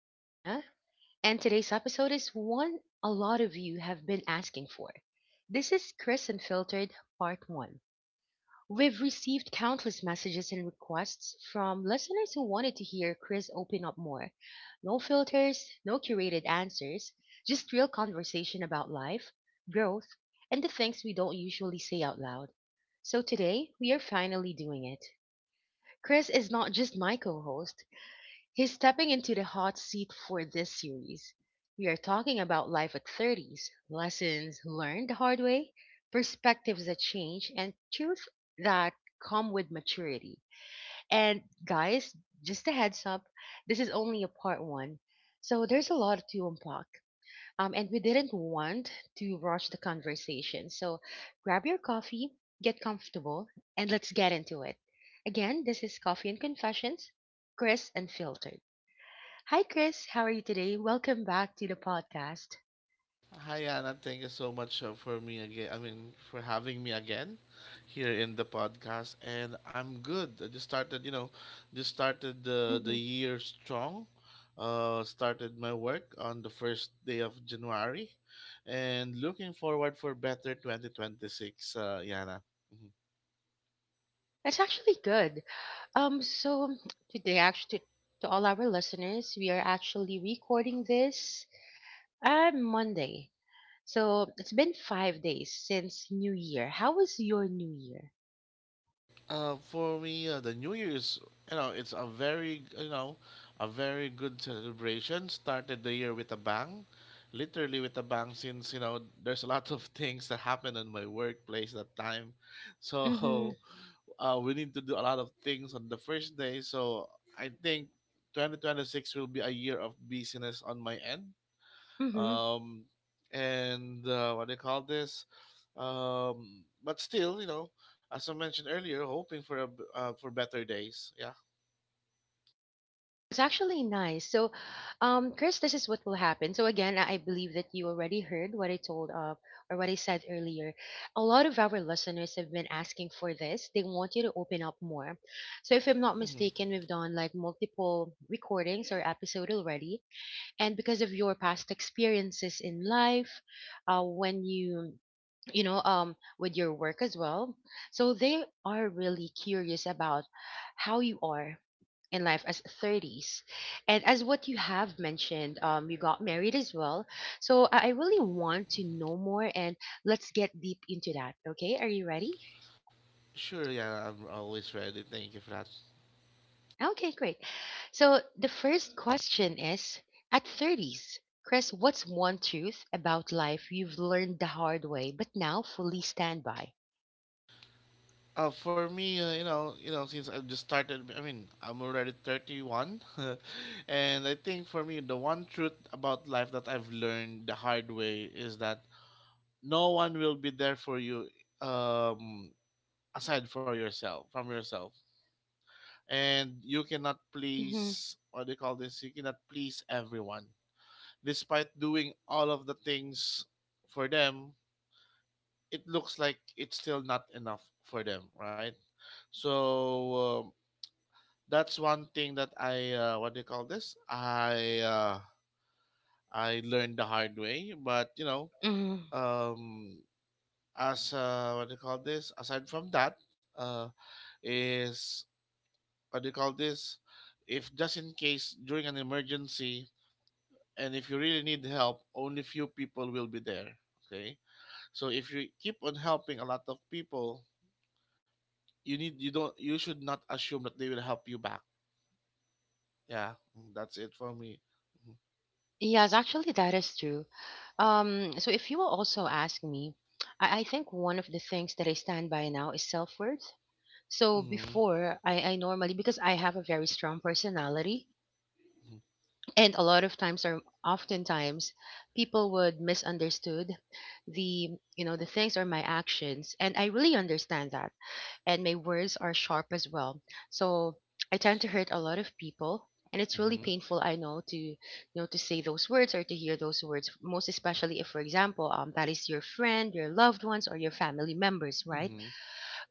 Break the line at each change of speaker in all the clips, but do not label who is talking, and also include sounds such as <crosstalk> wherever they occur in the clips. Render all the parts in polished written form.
I'm Yana, and today's episode is one a lot of you have been asking for. This is Chris Unfiltered Part 1. We've received countless messages and requests from listeners who wanted to hear Chris open up more. No filters, no curated answers, just real conversation about life, growth, and the things we don't usually say out loud. So today, we are finally doing it. Chris is not just my co host, he's stepping into the hot seat for this series. We are talking about life at 30s, lessons learned the hard way, perspectives that change, and truth that come with maturity. And guys, just a heads up, this is only a part one. So there's a lot to unpack. And we didn't want to rush the conversation. So grab your coffee, get comfortable, and let's get into it. Again, this is Coffee and Confessions, Chris Unfiltered. Hi, Chris. How are you today? Welcome back to the podcast.
Hi Anna, thank you so much for me again. I mean, for having me again here in the podcast. And I'm good. I just started, you know, just started the
Hmm.
year strong. Started my work on the first day of January, and looking forward for better 2026. Yana. Mm-hmm.
That's actually good. So today, actually, to all our listeners, we are actually recording this on Monday. So it's been 5 days since New Year. How was your New Year?
The New Year's, it's a very, a very good celebration. Started the year with a bang, literally with a bang. Since you know, there's a lot of <laughs> things that happened in my workplace that time, <laughs>
Mm-hmm.
so we need to do a lot of things on the first day. So I think 2026 will be a year of busyness on my end
Mm-hmm.
um, and what do you call this? But still, you know, as I mentioned earlier, hoping for a b for better days. Yeah.
It's actually nice. So, Chris, this is what will happen. So again, I believe that you already heard what I told, or what I said earlier. A lot of our listeners have been asking for this. They want you to open up more. So if I'm not
hmm
mistaken, we've done like multiple recordings or episode already, and because of your past experiences in life, when you know, with your work as well, so they are really curious about how you are in life as 30s, and as what you have mentioned, you got married as well. So I really want to know more, and let's get deep into that. Okay, are you ready?
Sure. Yeah, I'm always ready. Thank you for that.
Okay, great. So the first question is at 30s, Chris, what's one truth about life you've learned the hard way but now fully stand by?
For me, you know, Since I've just started, I mean, I'm already 31, <laughs> and I think for me, the one truth about life that I've learned the hard way is that no one will be there for you, um, from yourself, and you cannot
Hmm.
please what do you call this? You cannot please everyone. Despite doing all of the things for them, it looks like it's still not enough for them, right? So um, that's one thing that I what do you call this? I learned the hard way, but you know,
Hmm.
um, as what do you call this? Aside from that, uh, is what do you call this? If just in case during an emergency, and if you really need help, only few people will be there. Okay, so if you keep on helping a lot of people, you don't you should not assume that they will help you back. Yeah. Mm, that's it for me.
Yes, actually, that is true. So if you will also ask me, I think one of the things that I stand by now is self worth. So
Mm-hmm.
before, I normally, because I have a very strong personality, and a lot of times or oftentimes people would misunderstood the you know the things or my actions, and I really understand that. And my words are sharp as well, so I tend to hurt a lot of people, and it's really
Mm-hmm.
painful. I know, to you know to say those words or to hear those words, most especially if, for example, that is your friend, your loved ones, or your family members, right?
Mm-hmm.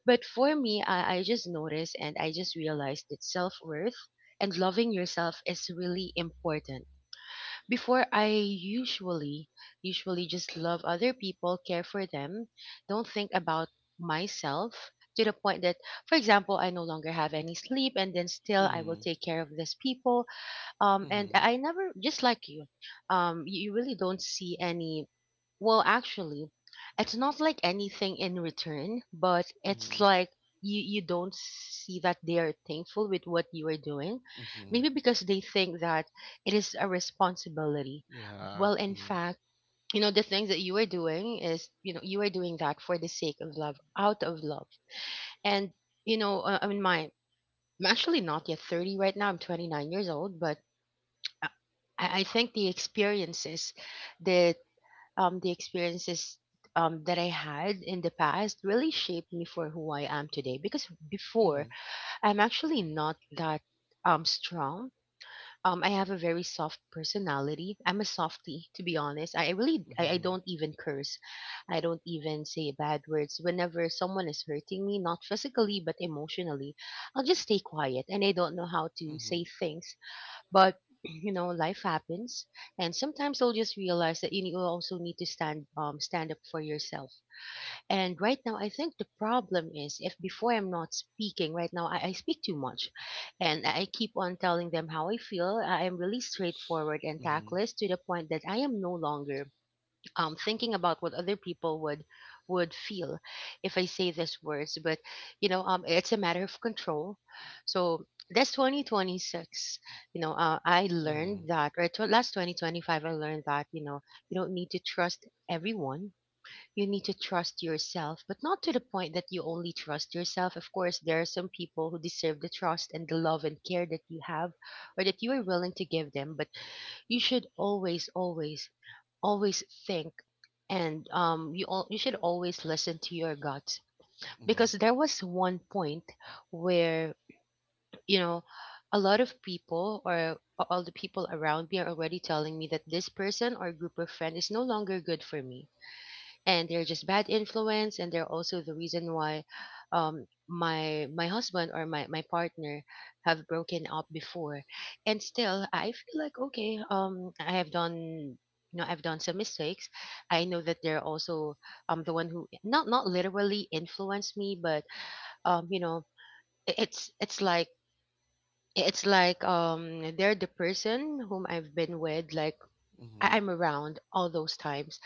But for me, I just noticed, and I just realized that self-worth and loving yourself is really important. Before, I usually just love other people, care for them, don't think about myself to the point that, for example, I no longer have any sleep, and then still I will
Mm-hmm.
take care of these people. um and
Mm-hmm.
i I never just like you. You really don't see any, well actually, it's not like anything in return, but it's
Mm-hmm.
like you don't see that they are thankful with what you are doing.
Mm-hmm.
Maybe because they think that it is a responsibility.
Yeah.
Well, in
mm-hmm.
fact, you know, the things that you are doing is, you know, you are doing that for the sake of love, out of love. And, you know, I mean my I'm actually not yet 30 right now, I'm 29 years old. But I think the experiences that um, the experiences that I had in the past really shaped me for who I am today. Because
Mm-hmm.
before, I'm actually not that, strong. I have a very soft personality. I'm a softie, to be honest. I
Mm-hmm.
don't even curse. I don't even say bad words. Whenever someone is hurting me, not physically but emotionally, I'll just stay quiet, and I don't know how to
Mm-hmm.
say things. But <clears throat> you know, life happens, and sometimes you'll just realize that you also need to stand, stand up for yourself. And right now, I think the problem is if before I'm not speaking. Right now, I speak too much, and I keep on telling them how I feel. I am really straightforward and
Mm-hmm.
tactless to the point that I am no longer, thinking about what other people would feel if I say these words. But you know, it's a matter of control. So that's 2026. You know, I learned
Mm-hmm.
that, or last 2025, I learned that you don't need to trust everyone. You need to trust yourself, but not to the point that you only trust yourself. Of course, there are some people who deserve the trust and the love and care that you have, or that you are willing to give them. But you should always, always, always think. And you should always listen to your gut, because
Mm-hmm.
there was one point where, you know a lot of people, or all the people around me, are already telling me that this person or group of friends is no longer good for me, and they're just bad influence, and they're also the reason why, my husband, or my partner, have broken up before. And still I feel like, okay, I've done some mistakes. I know that they're also, the one who, not literally influenced me, but you know, i- it's it's like it's like, they're the person whom I've been with, like,
Mm-hmm. Mm-hmm.
I'm around all those times.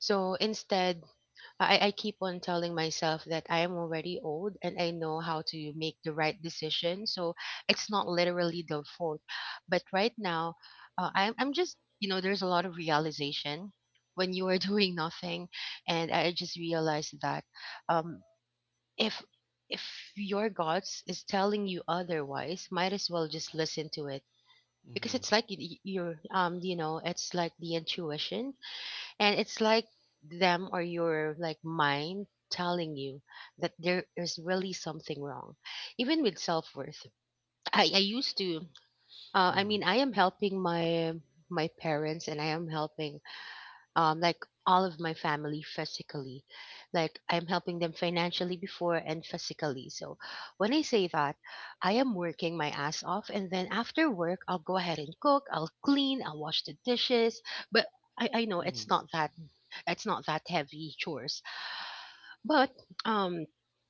So instead, I keep on telling myself that I am already old and I know how to make the right decision. So it's not literally the fault. But right now, I'm just, you know, there's a lot of realization when you are <laughs> doing nothing. And I just realized that, um, if if your gods is telling you otherwise, might as well just listen to it. Because
Mm-hmm.
it's like your, you know, it's like the intuition, and it's like them or your like mind telling you that there is really something wrong. Even with self worth, I used to. I
Mm-hmm.
mean, I am helping my parents, and I am helping, like, all of my family physically. Like, I'm helping them financially before and physically. So when I say that, I am working my ass off, and then after work, I'll go ahead and cook. I'll clean. I'll wash the dishes. But I know it's
Mm-hmm.
not that, heavy chores. But, um,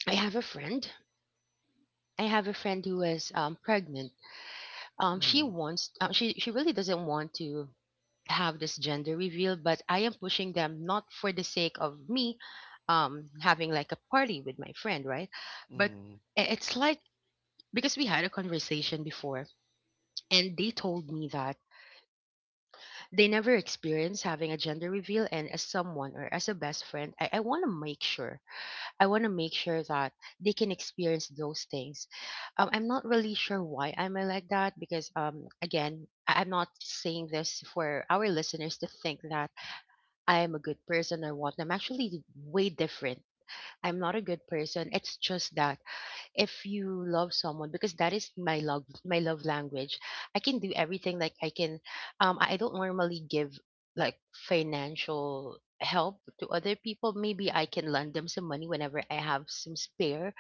I have a friend. I have a friend who is, pregnant. She
Mm-hmm.
wants. She really doesn't want to have this gender reveal, but I am pushing them, not for the sake of me, having like a party with my friend, right? But
Mm-hmm.
it's like, because we had a conversation before, and they told me that they never experienced having a gender reveal, and as someone, or as a best friend, I want to make sure I want to make sure that they can experience those things. I'm not really sure why I'm like that because, again, I'm not saying this for our listeners to think that I am a good person, or what. I'm actually way different. I'm not a good person. It's just that if you love someone, because that is my love language, I can do everything. I don't normally give, like, financial help to other people. Maybe I can lend them some money whenever I have some spare.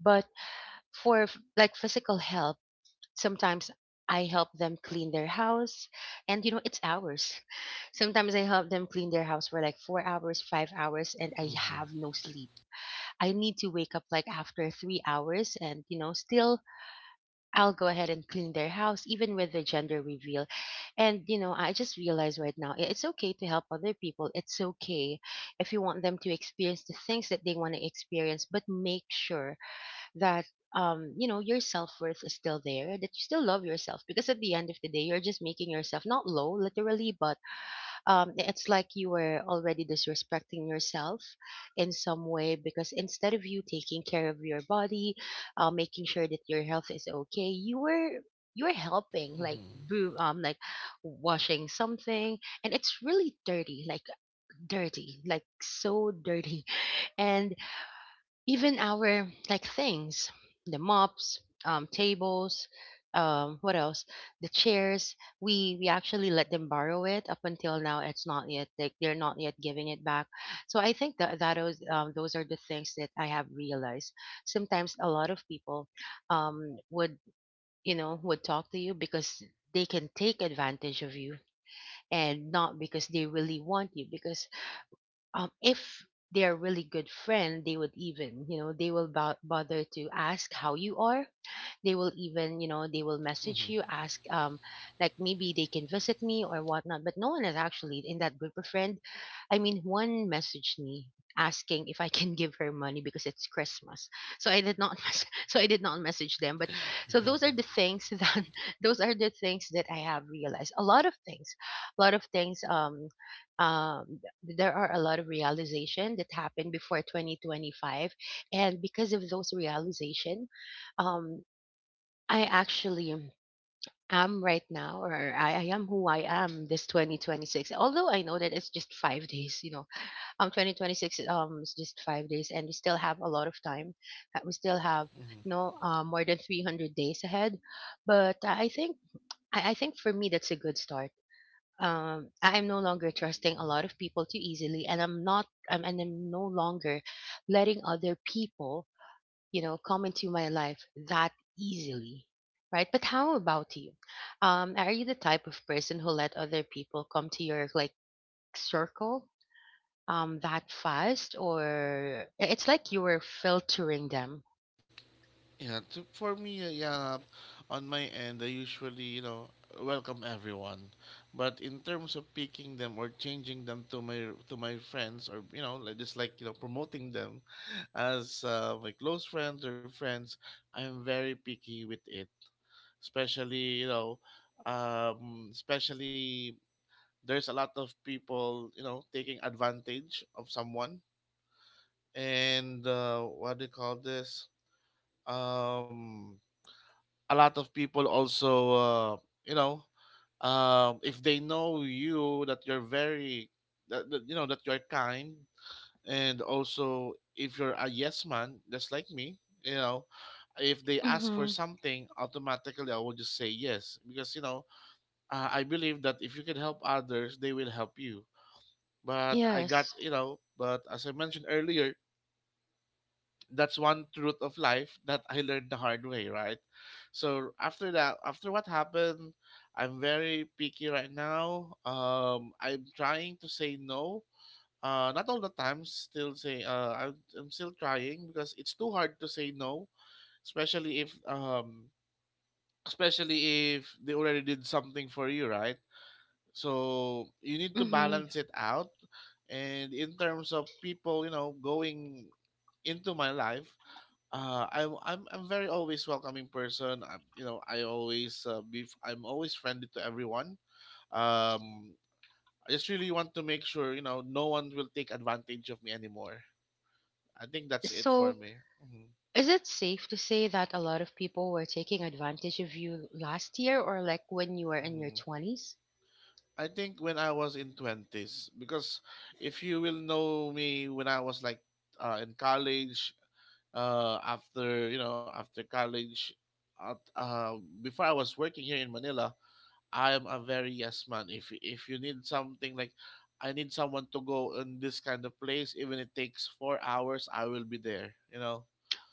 But for like physical help, sometimes I help them clean their house. And, you know, it's hours. <laughs> Sometimes I help them clean their house for like 4 hours, 5 hours, and I have no sleep. I need to wake up like after 3 hours. And, you know, still I'll go ahead and clean their house, even with the gender reveal. And, you know, I just realized right now, it's okay to help other people. It's okay if you want them to experience the things that they want to experience, but make sure that, you know, your self worth is still there, that you still love yourself. Because at the end of the day, you're just making yourself not low, literally, but it's like you were already disrespecting yourself in some way. Because instead of you taking care of your body, making sure that your health is okay, you were helping like
Mm-hmm.
boo like washing something, and it's really dirty, like dirty, like so dirty <laughs> and even our like things, the mops, tables, what else, the chairs. We actually let them borrow it up until now. It's not yet like, they're not yet giving it back. So I think that that is those are the things that I have realized. Sometimes a lot of people would, you know, would talk to you because they can take advantage of you, and not because they really want you. Because if they're really good friend, they would even, you know, they will bother to ask how you are. They will even, you know, they will message you, ask like maybe they can visit me or whatnot. But no one is actually in that group of friend. I mean, one messaged me asking if I can <laughs> give her money because it's Christmas. So I did not <laughs> mes- so I did not message them. But so those are the things that, <laughs> those are the things that I have realized. A lot of things, a lot of things um there are a lot of realization that happened before 2025, and because of those realization, um I actually am right now, or I am who I am this 2026. Although I know that it's just five days, you know, 2026 is just five days, and we still have a lot of time. We still have,
Mm-hmm.
you
<laughs>
know, more than 300 days ahead. But I think, I think for me, that's a good start. I am no longer trusting a lot of people too easily, and I'm not, and I'm no longer letting other people, you know, come into my life that easily, right? But how about you? Are you the type of person who let other people come to your like circle that fast, or it's like you were filtering them?
Yeah, to, for me, yeah, on my end, I usually, you know, welcome everyone. But in terms of picking them or changing them to my friends, or you know, like just like you know, promoting them <laughs> as my close friends or friends, I'm very picky with it. Especially, you know, especially there's a lot of people, you know, taking advantage of someone, and what do you call this? Um, a lot of people also you know if they know you that you're you know that you're kind. And also if you're a yes man just like me, you know, if they ask for
Mm-hmm.
something, automatically I will just say yes, because I believe that if you can help others, they will help you. but i got
Yes.
you know but as I mentioned earlier, that's one truth of life that I learned the hard way, right? So after that, after what happened, I'm very picky right now. I'm trying to say no. Not all the time. I'm still trying because it's too hard to say no, especially if um, especially if they already did something for you, right? So you need to
Mm-hmm.
balance it out. And in terms of people, you know, going into my life, I'm very always welcoming person. I always I'm always friendly to everyone. Um, I just really want to make sure you know no one will take advantage of me anymore. I think that's it for
So
me. Hmm
is it safe to say that a lot of people were taking advantage of you last year, or like when you were in your
hmm
20s?
I think when I was in twenties, because if you will know me when I was like in college, after you know after college, uh, uh, before I was working here in Manila, I'm a very yes man. If you need something like I need someone to go in this kind of place, even it takes 4 hours, I will be there. You know,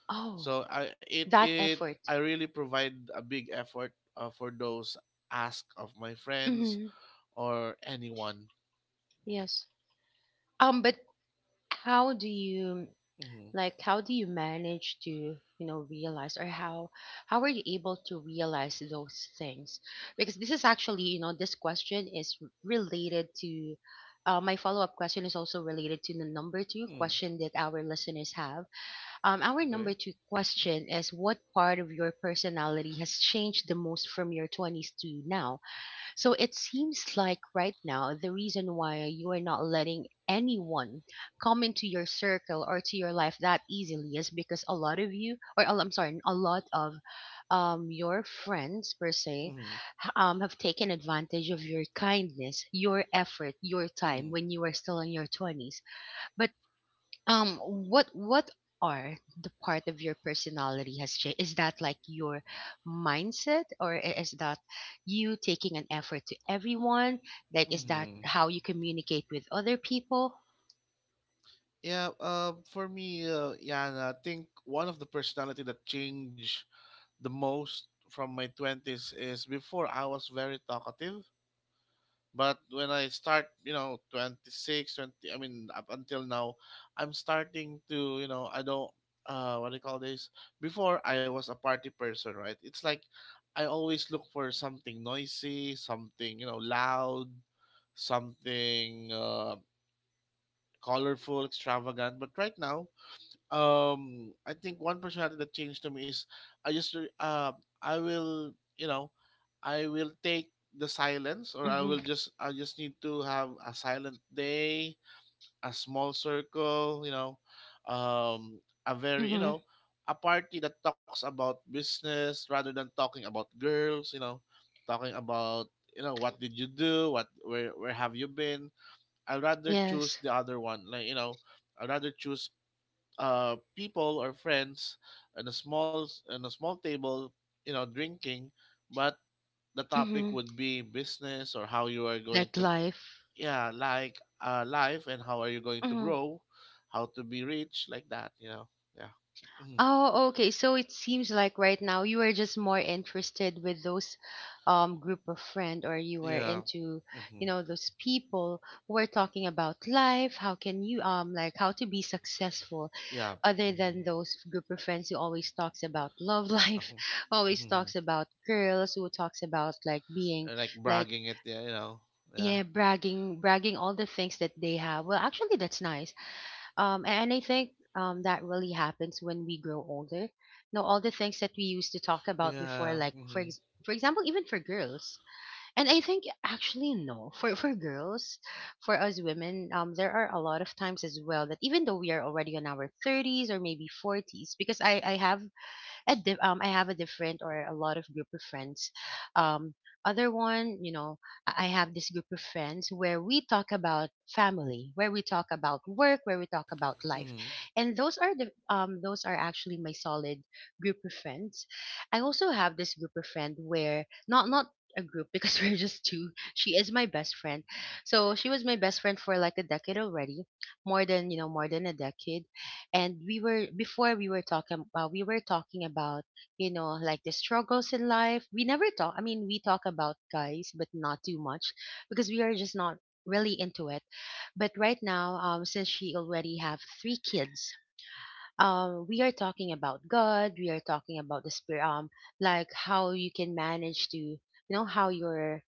Oh,
so I it
that
it
effort.
I really provide a big effort for those ask of my friends
Mm-hmm.
or anyone.
Yes. But how do you,
Mm-hmm.
like, how do you manage to, you know, realize, or how are you able to realize those things? Because this is actually, you know, this question is related to, my follow-up question is also related to the number two
Mm-hmm.
question that our listeners have. Our number
Okay.
two question is, what part of your personality has changed the most from your 20s to now? So it seems like right now the reason why you are not letting anyone come into your circle or to your life that easily is because a lot of you, or I'm sorry, a lot of your friends per se
Mm-hmm.
have taken advantage of your kindness, your effort, your time
Mm-hmm.
when you were still in your 20s. But what are the part of your personality has changed, is that like your mindset, or is that you taking an effort to everyone, like is that
Mm-hmm.
how you communicate with other people?
Yeah. For me, Yana, I think one of the personality that changed the most from my 20s is before I was very talkative. But when I start, you know, 26, 20. I mean, up until now, I'm starting to, you know, I don't, what do you call this? Before I was a party person, right? It's like I always look for something noisy, something, you know, loud, something colorful, extravagant. But right now, I think one personality that changed to me is i just re- uh, I will you know I will take the silence, or I
Mm-hmm.
will just I just need to have a silent day, a small circle, you know, um a very you
Mm-hmm.
know a party that talks about business rather than talking about girls, you know, talking about you know what did you do, what where have you been. I'd rather choose
Yes.
the other one, like, you know, I'd rather choose people or friends on a small table, you know, drinking, but the topic
Mm-hmm.
would be business or how you are going
Like
to,
life.
yeah, like life, and how are you going to grow, how to be rich, like that, you know. Yeah. hmm
Oh, okay. So it seems like right now you are just more interested with those group of friend, or you were
yeah.
into, you
hmm
know, those people who are talking about life, how can you like how to be successful,
yeah,
other than
hmm
those group of friends who always talks about love life,
uh-huh.
<laughs> always
hmm
talks about girls, who talks about like being
like
like,
bragging it, yeah, you know. Yeah.
yeah, bragging, bragging all the things that they have. Well, actually, that's nice. And I think that really happens when we grow older. You know, all the things that we used to talk about before,
Yeah.
like for
hmm
for example, even for girls. And I think actually no, <laughs> for girls, for us women, there are a lot of times as well that even though we are already in our thirties or maybe forties, because I have a I have a different or a lot of group of friends. Um, other one, you know, I have this group of friends where we talk about family, where we talk about work, where we talk about life,
hmm
and those are the those are actually my solid group of friends. I also have this group of friend where not a group <laughs> because we're just two. She is my best friend. So she was my best friend for like a decade already, more than, you know, more than a decade. And we were before we were talking about we were talking about, you know, like the struggles in life. We never talk, I mean, we talk about guys but not too much, because we are just not really into it. But right now, um, since she already have three kids, um, we are talking about God, we are talking about the spirit, um, like how you can manage to, you know, how your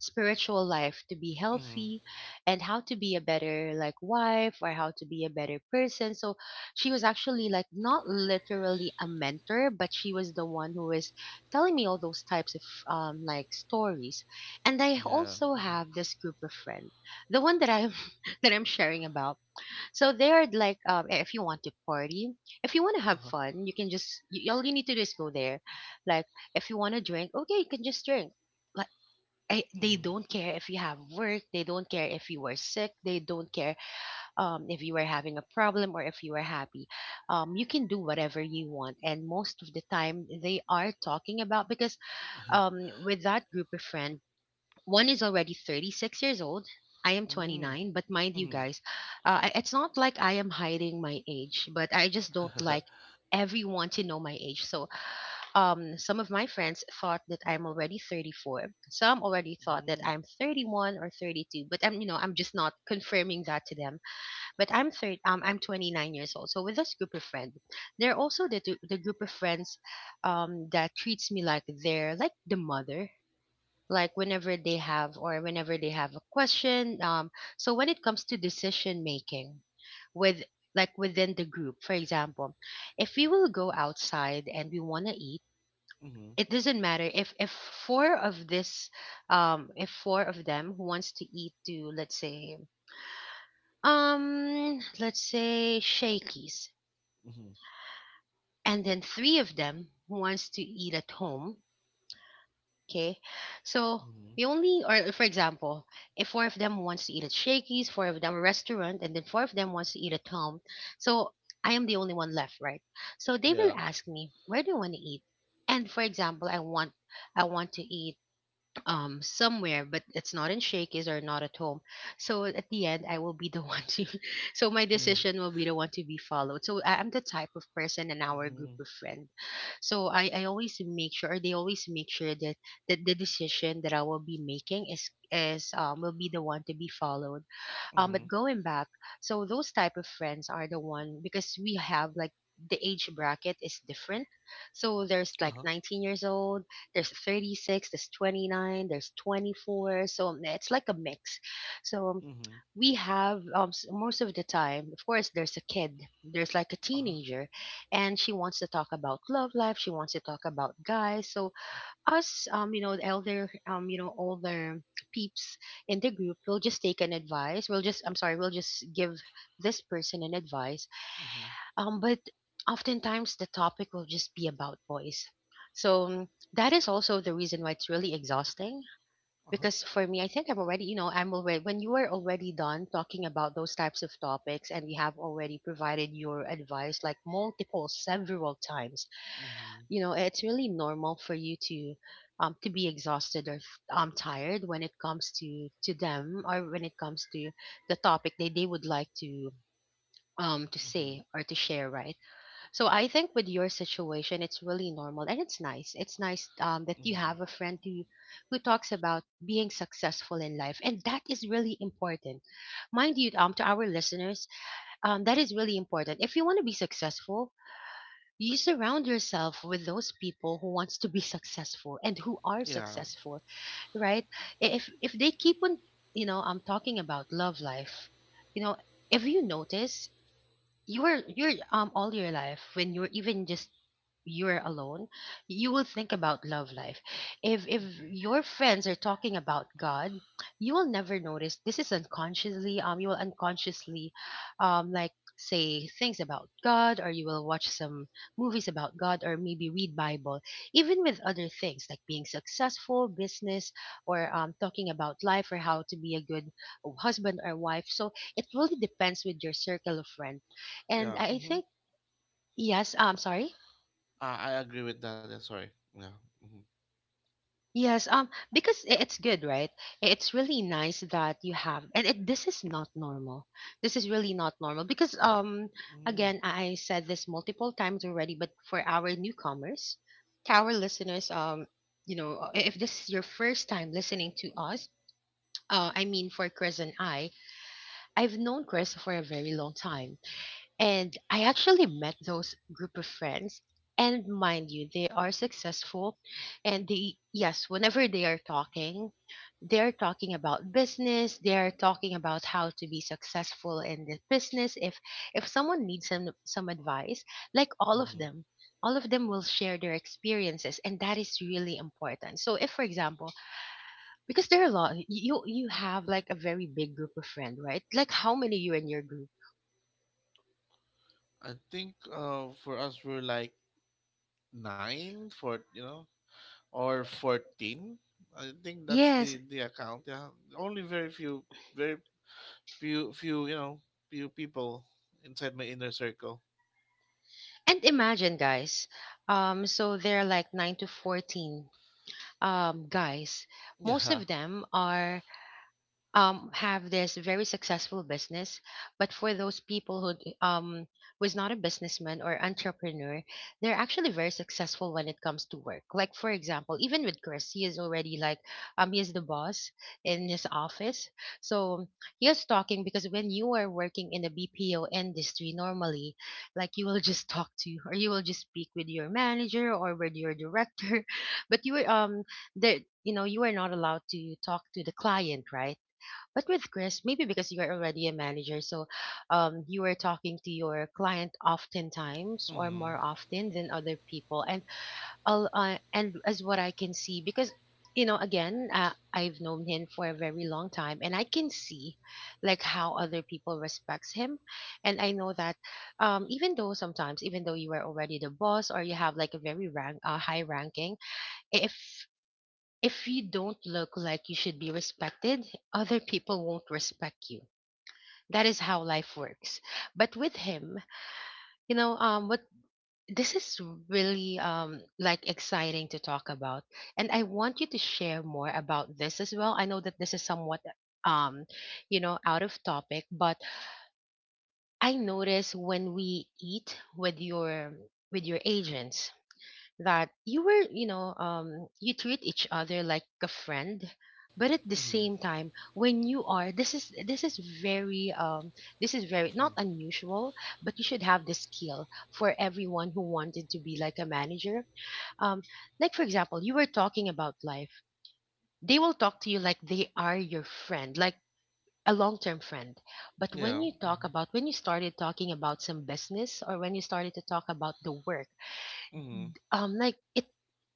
spiritual life to be
hmm
healthy, and how to be a better, like, wife, or how to be a better person. So she was actually like not literally a mentor, but she was the one who was telling me all those types of like stories. And I
yeah.
also have this group of friends, the one that I'm <laughs> that I'm sharing about. So they are like, um, if you want to party, if you want to have
Uh-huh.
fun, you can just, you, all you need to do is go there. Like if you want to drink, okay, you can just drink. I, they
Mm-hmm.
don't care if you have work, they don't care if you were sick, they don't care, if you were having a problem, or if you were happy, you can do whatever you want. And most of the time they are talking about, because um, with that group of friends, one is already 36 years old, I am
<laughs>
29, but mind you
Mm-hmm.
guys, it's not like I am hiding my age, but I just don't like
<laughs>
everyone to know my age. So, some of my friends thought that I'm already 34. Some already thought that
Mhm.
I'm 31 or 32, but I'm, you know, I'm just not confirming that to them. But I'm third, I'm 29 years old. So with this group of friends, they're also the the group of friends, that treats me like they're like the mother. Like whenever they have, or whenever they have a question. So when it comes to decision making, with, like within the group, for example, if we will go outside and we want to eat,
Mhm.
it doesn't matter if four of this if four of them who wants to eat to, let's say, let's say Shakies,
Mhm.
and then three of them who wants to eat at home. Okay, so we
Mhm.
only, or for example, if four of them wants to eat at Shakies, four of them restaurant, and then four of them wants to eat at home. So I am the only one left, right? So they will
Yeah.
ask me, where do you want to eat? And for example I want, I want to eat somewhere but it's not in Shakey's or not at home. So at the end I will be the <laughs> one to, so my
Mhm.
decision will be the one to be followed, so I'm the type of person in our group
Mhm.
of friends. So I always make sure, or they always make sure, that that the decision that I will be making is will be the one to be followed. Um, but
Mhm.
going back, so those type of friends are the one, because we have like the age bracket is different. So there's like
Uh-huh.
19 years old, there's 36, there's 29, there's 24. So it's like a mix. So
Mhm.
we have most of the time, of course, there's a kid, there's like a
Uh-huh.
teenager, and she wants to talk about love life, she wants to talk about guys. So us, the elder, older peeps in the group will just take an advice, we'll just give this person an advice.
Mhm.
But oftentimes the topic will just be about boys. so mm, that is also the reason why it's really exhausting,
Uh-huh.
because for me, I'm already, when you are already done talking about those types of topics and you have already provided your advice like multiple several times,
Mhm.
you know it's really normal for you to be exhausted or tired when it comes to them, or when it comes to the topic that they would like to say
Mhm.
or to share, right? So I think with your situation, it's really normal, and it's nice that you
Mhm.
have a friend who talks about being successful in life, and that is really important. Mind you, to our listeners, that is really important. If you want to be successful, you surround yourself with those people who wants to be successful and who are
Yeah.
successful, right? If they keep on, you know, I'm talking about love life. You know, if you notice, you're all your life, when you were even just, you are alone, you will think about love life. If
Mhm.
your friends are talking about God, you will never notice. This is unconsciously. You will unconsciously, like, say things about God, or you will watch some movies about God, or maybe read Bible. Even with other things like being successful, business, or talking about life, or how to be a good husband or wife. So it really depends with your circle of friends, and
Yeah.
I
hmm
think yes. I'm sorry.
I agree with that. Yeah, sorry. Yeah. hmm
Yes, because it's good, right? It's really nice that you have, and it, this is not normal. This is really not normal because,
hmm
again, I said this multiple times already, but for our newcomers, to our listeners, if this is your first time listening to us, I mean, for Chris and I, I've known Chris for a very long time. And I actually met those group of friends. And mind you, they are successful. And they, yes, whenever they are talking, they're talking about business. They're talking about how to be successful in the business. If someone needs some advice, like
Mm-hmm.
all of them will share their experiences, and that is really important. So, if for example, because there are a lot, you have like a very big group of friends, right? Like how many you in your group?
I think for us we're like nine, for you know, or 14. I think that's
Yes.
the account. Yeah. Only very few, few you know few people inside my inner circle.
And imagine, guys. So they're like 9 to 14 guys. Most
Yeah.
of them are have this very successful business. But for those people who who is not a businessman or entrepreneur, they're actually very successful when it comes to work. Like for example, even with Chris, he is already like, he is the boss in his office. So he is talking, because when you are working in the BPO industry, normally, like you will <laughs> just talk to, or you will just speak with your manager or with your director, <laughs> but you are there, you know, you are not allowed to talk to the client, right? But with Chris, maybe because you are already a manager, so you are talking to your client oftentimes or more
Mhm.
often than other people, and and as what I can see, because, you know, again, I've known him for a very long time, and I can see like how other people respects him, and I know that even though sometimes, even though you are already the boss, or you have like a very rank, high ranking, if if you don't look like you should be respected, other people won't respect you. That is how life works. But with him, you know, what, this is really like exciting to talk about, and I want you to share more about this as well. I know that this is somewhat, um you know, out of topic, but I notice when we eat with your, with your agents, that you were, you know, you treat each other like a friend, but at the
Mhm.
same time, when you are, this is very not
Mhm.
unusual, but you should have the skill for everyone who wanted to be like a manager. Um, like for example, you were talking about life. They will talk to you like they are your friend, like a long-term friend. But when
Yeah.
you talk
Mhm.
about, when you started talking about some business, or when you started to talk about the work,
Mhm.
like it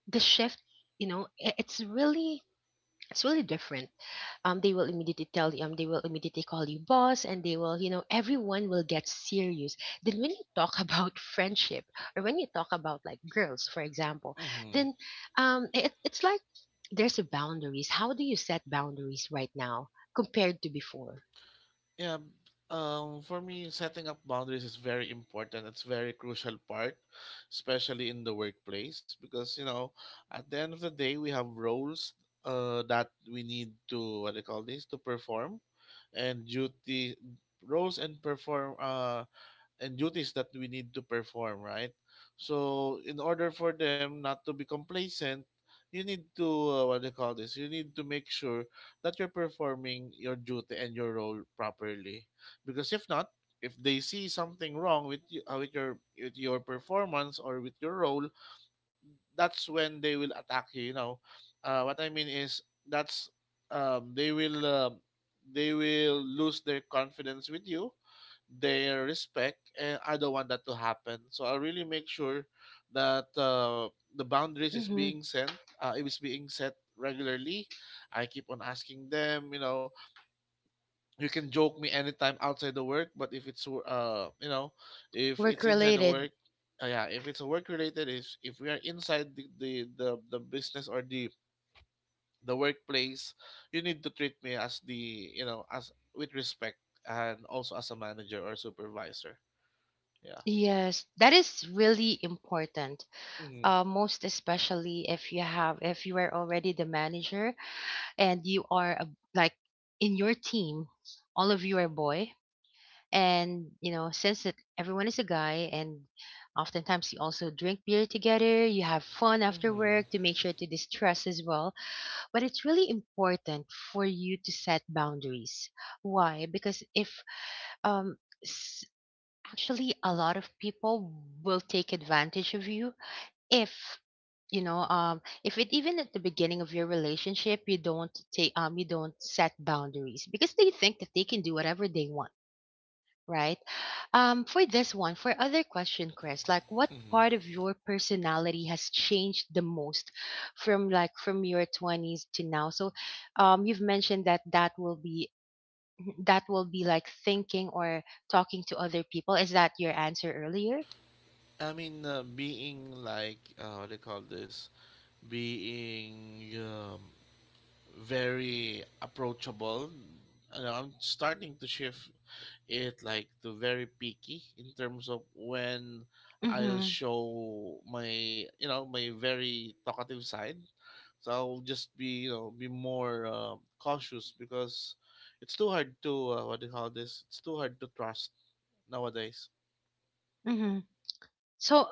the shift, you know, it's really, it's really different. They will immediately tell you, they will immediately call you boss, and they will, you know, everyone will get serious. Then when you talk <laughs> about friendship, or when you talk about like girls for example,
Mhm.
then it, it's like there's a boundaries. How do you set boundaries right now compared to before?
Yeah. b- for me, setting up boundaries is very important. It's very crucial part, especially in the workplace, because you know, at the end of the day, we have roles that we need to what they call this to perform, and duty roles and perform and duties that we need to perform, right? So, in order for them not to be complacent, you need to what do you call this? You need to make sure that you're performing your duty and your role properly, because if not, if they see something wrong with you, with your performance or with your role, that's when they will attack you, you know. Uh, what I mean is that's they will They will lose their confidence with you, their respect, and I don't want that to happen. So I really make sure that the boundaries is
Mm-hmm.
being sent, it is being set regularly. I keep on asking them, you know, you can joke me anytime outside the work, but if it's if
Work
it's inside the
related.
work, yeah if it's work related, is if we are inside the, the business or the workplace, you need to treat me as the you know as with respect, and also as a manager or supervisor. Yeah.
Yes, that is really important.
Mm-hmm.
Most especially if you have, if you are already the manager and you are a, like in your team, all of you are boy, and you know since that everyone is a guy, and oftentimes you also drink beer together, you have fun after
Mm-hmm.
work to make sure to distress as well. But it's really important for you to set boundaries. Why? Because if, um s- actually a lot of people will take advantage of you if, you know, if it, even at the beginning of your relationship, you don't take, you don't set boundaries, because they think that they can do whatever they want, right? For this one, for other question, Chris, like what part
Mm-hmm.
of your personality has changed the most, from like from your 20s to now? So you've mentioned that, that will be <clears throat> that will be like thinking or talking to other people. Is that your answer earlier?
I mean being like what do you call this Being very approachable, you know, I'm starting to shift it like to very picky in terms of when I'll
Mm-hmm.
show my you know my very talkative side. So I'll just be you know be more cautious because it's too hard to what do you call this? It's too hard to trust nowadays.
So,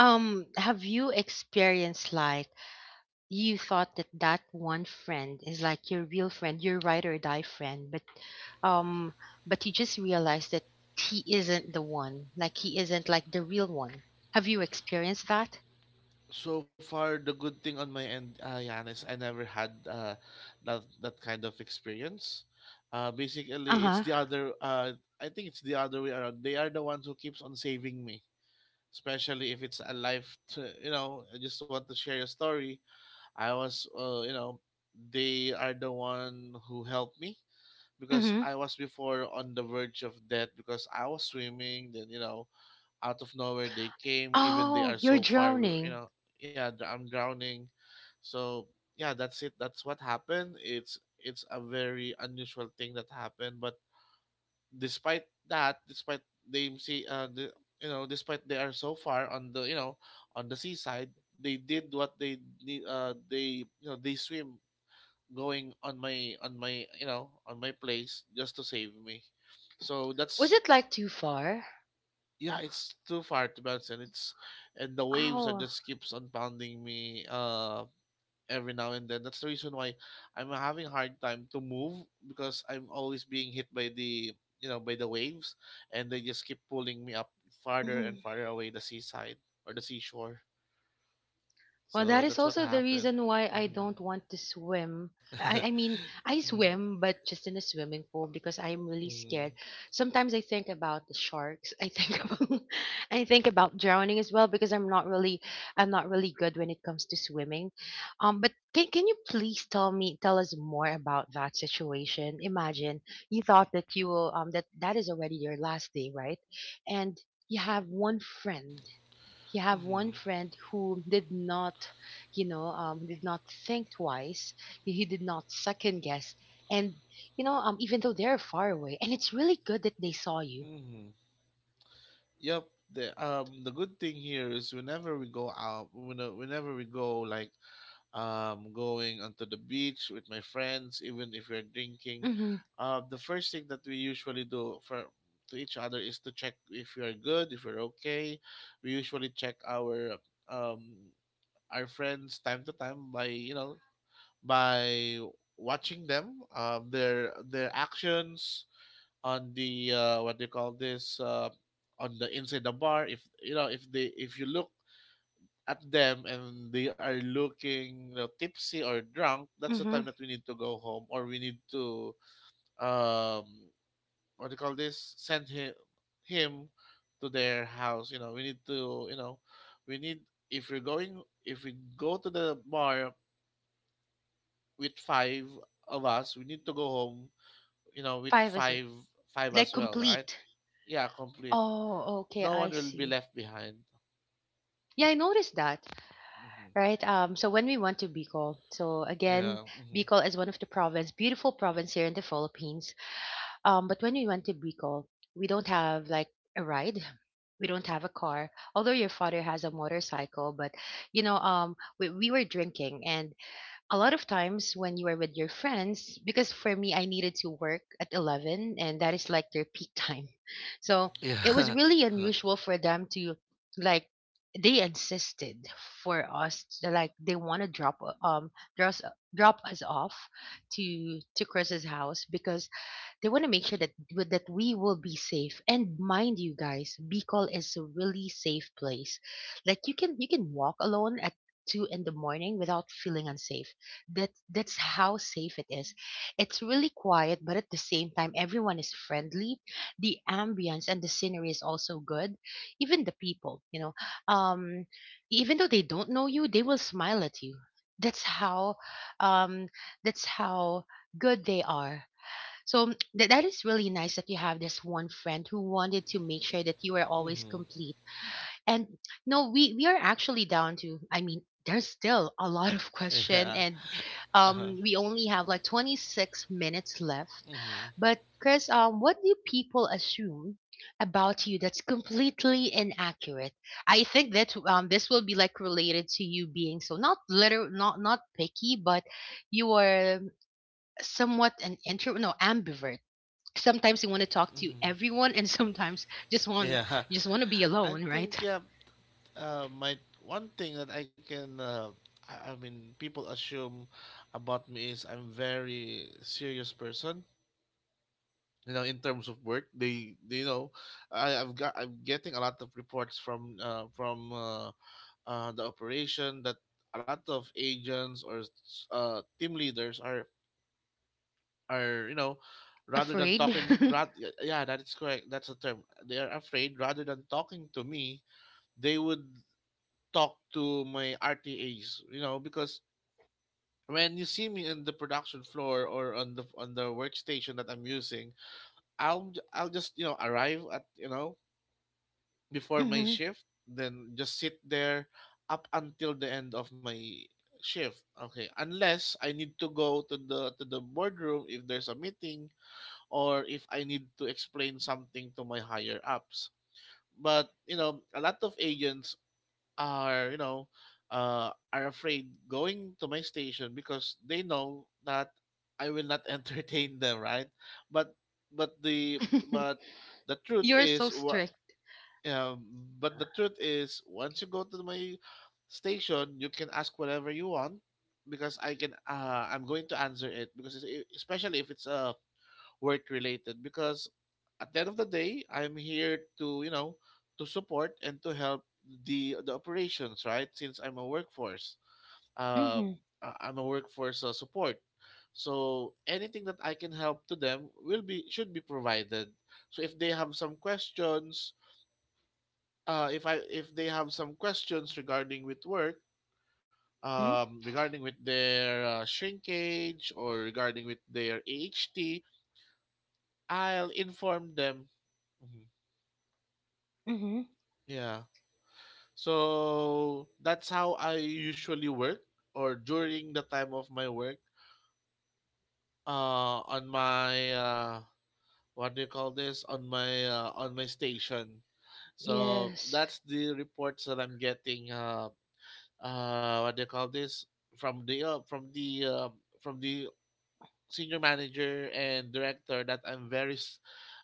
have you experienced like you thought that that one friend is like your real friend, your ride or die friend, um, but you just realized that he isn't the one, like he isn't like the real one. Have you experienced that?
So far, the good thing on my end, Jan, is I never had that kind of experience.
Uh
Basically, it's
huh.
the other. I think it's the other way around. They are the ones who keeps on saving me, especially if it's a life to, you know, I just want to share a story. I was they are the one who helped me because
Mm-hmm.
I was before on the verge of death because I was swimming, then you know out of nowhere they came even they
Oh,
are
you're
so far. You
drowning.
know, yeah, I'm drowning. So yeah, that's it, that's what happened. It's a very unusual thing that happened, but despite that, despite they see, despite they are so far on the, you know, on the seaside, they did what they need. They, you know, they swim going on my, on my place just to save me. So
Was
that's
it like too far?
yeah, it's too far to bounce, and it's and the waves are
Oh.
just keeps on pounding me. Every now and then. That's the reason why I'm having hard time to move because I'm always being hit by the you know by the waves, and they just keep pulling me up farther and farther away the seaside or the seashore.
Well,
So
that is
that's what
also the
happened.
reason why I
hmm
don't want to swim. I mean, I
hmm
swim, but just in a swimming pool because I'm really scared.
hmm
Sometimes I think about the sharks. I think <laughs> about, I think about drowning as well, because I'm not really, I'm not really good when it comes to swimming. But can you please tell us more about that situation? Imagine you thought that you will, that that is already your last day, right? And you have one friend you have one
hmm
friend who did not, you know, did not think twice, he did not second guess, and, you know, even though they're far away, and it's really good that they saw you.
hmm <laughs> Yep. The good thing here is whenever we go out, whenever we go like going onto the beach with my friends, even if we're drinking,
Mm-hmm.
the first thing that we usually do for to each other is to check if we are good, if we're okay. We usually check um, our friends time to time by by watching them their actions on the what do you call this on the inside the bar. If you look at them and they are looking tipsy or drunk, that's the
Mm-hmm.
time that we need to go home or we need to um what do you call this? Send him to their house. You know, we need to you know we need if we're going if we go to the bar with five of us, we need to go home, you know, with
Five is
five, five as
like
well, right?
complete.
Yeah, complete.
Oh okay,
No
I
one will be
see.
left behind.
Yeah, I noticed that.
hmm
Right. So when we went to Bicol, so again,
Yeah.
Bicol is one of the province, beautiful province here in the Philippines. But when we went to Bicol, we don't have like a ride. <laughs> We don't have a car, although your father has a motorcycle. But, you know, we were drinking, and a lot of times when you are with your friends, because for me I needed to work at 11, and that is like their peak time. <laughs> So it was
Yeah.
really unusual for them to, like, they insisted for us to, like they want to drop, um drop, drop us off to Chris's house, because they want to make sure that, that we will be safe. And mind you guys, Bicol is a really safe place. Like you can, you can walk alone at two in the morning without feeling unsafe. That, that's how safe it is. It's really quiet, but at the same time, everyone is friendly. The ambience and the scenery is also good. Even the people, you know, um, even though they don't know you, they will smile at you. That's how, um, that's how good they are. So that is really nice that you have this one friend who wanted to make sure that you are
<laughs>
always
hmm
complete. And no, we are actually down to, I mean, there's still a lot of question,
Yeah.
and
Uh-huh.
we only have like 26 minutes left.
Mm-hmm.
But Chris, what do people assume about you that's completely inaccurate? I think that this will be like related to you being so not literal, not picky, but you are somewhat an intro, no, ambivert. Sometimes you want to talk to
Mm-hmm.
everyone, and sometimes just want
Yeah.
you just want to be
<laughs> I
alone, right?
think yeah. My one thing that I can I mean people assume about me is I'm very serious person. You know, in terms of work, they you know, I, I've got I'm getting a lot of reports from the operation that a lot of agents or team leaders are are you know rather than
Afraid?
talking
<laughs>
rat, yeah that is correct, that's the term. They are afraid rather than talking to me, they would talk to my rtas because when you see me in the production floor or on the workstation that I'm using, I'll just arrive at you know before my
Mhm.
shift then just sit there up until the end of my shift. Okay, unless I need to go to the boardroom if there's a meeting or if I need to explain something to my higher ups. But you know, a lot of agents are you know are afraid going to my station because they know that I will not <laughs> entertain them, right? But but the but the
<laughs>
truth
You're
is
so
what.
strict.
Um, but the truth is, once you go to my station, you can ask whatever you want because I can. I'm going to answer it because especially if it's a work related because at the end of the day I'm here to to support and to help the operations, right, since I'm a workforce uh
Mhm.
I'm a workforce support, so anything that I can help to them will be should be provided. So if they have some questions, if they have some questions regarding with work,
Mhm.
regarding with their shrinkage or regarding with their aht, will inform them. Mm-hmm.
Mhm.
Yeah. So that's how I usually work or during the time of my work on my what do you call this on my station. So
Yes.
that's the reports that I'm getting what do you call this from the from the from the senior manager and director that I'm very s-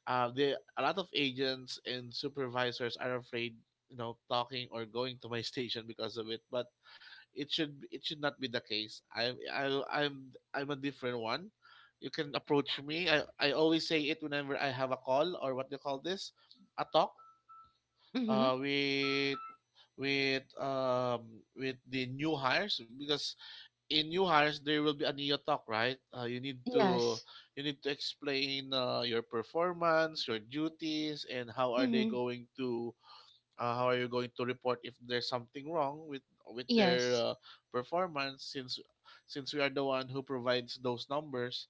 the a lot of agents and supervisors are afraid talking or going to my station because of it. But it should, it should not be the case. I'm I, I'm a different one. You can approach me. I always say it whenever I have a call or what do you call this, a talk
Mhm.
uh, with with the new hires, because in new hires there will be a neo talk, right. You need to
Yes.
you need to explain your performance, your duties, and
Mhm.
how are you going to report if there's something wrong with their
Yes.
performance since we are the one who provides those numbers.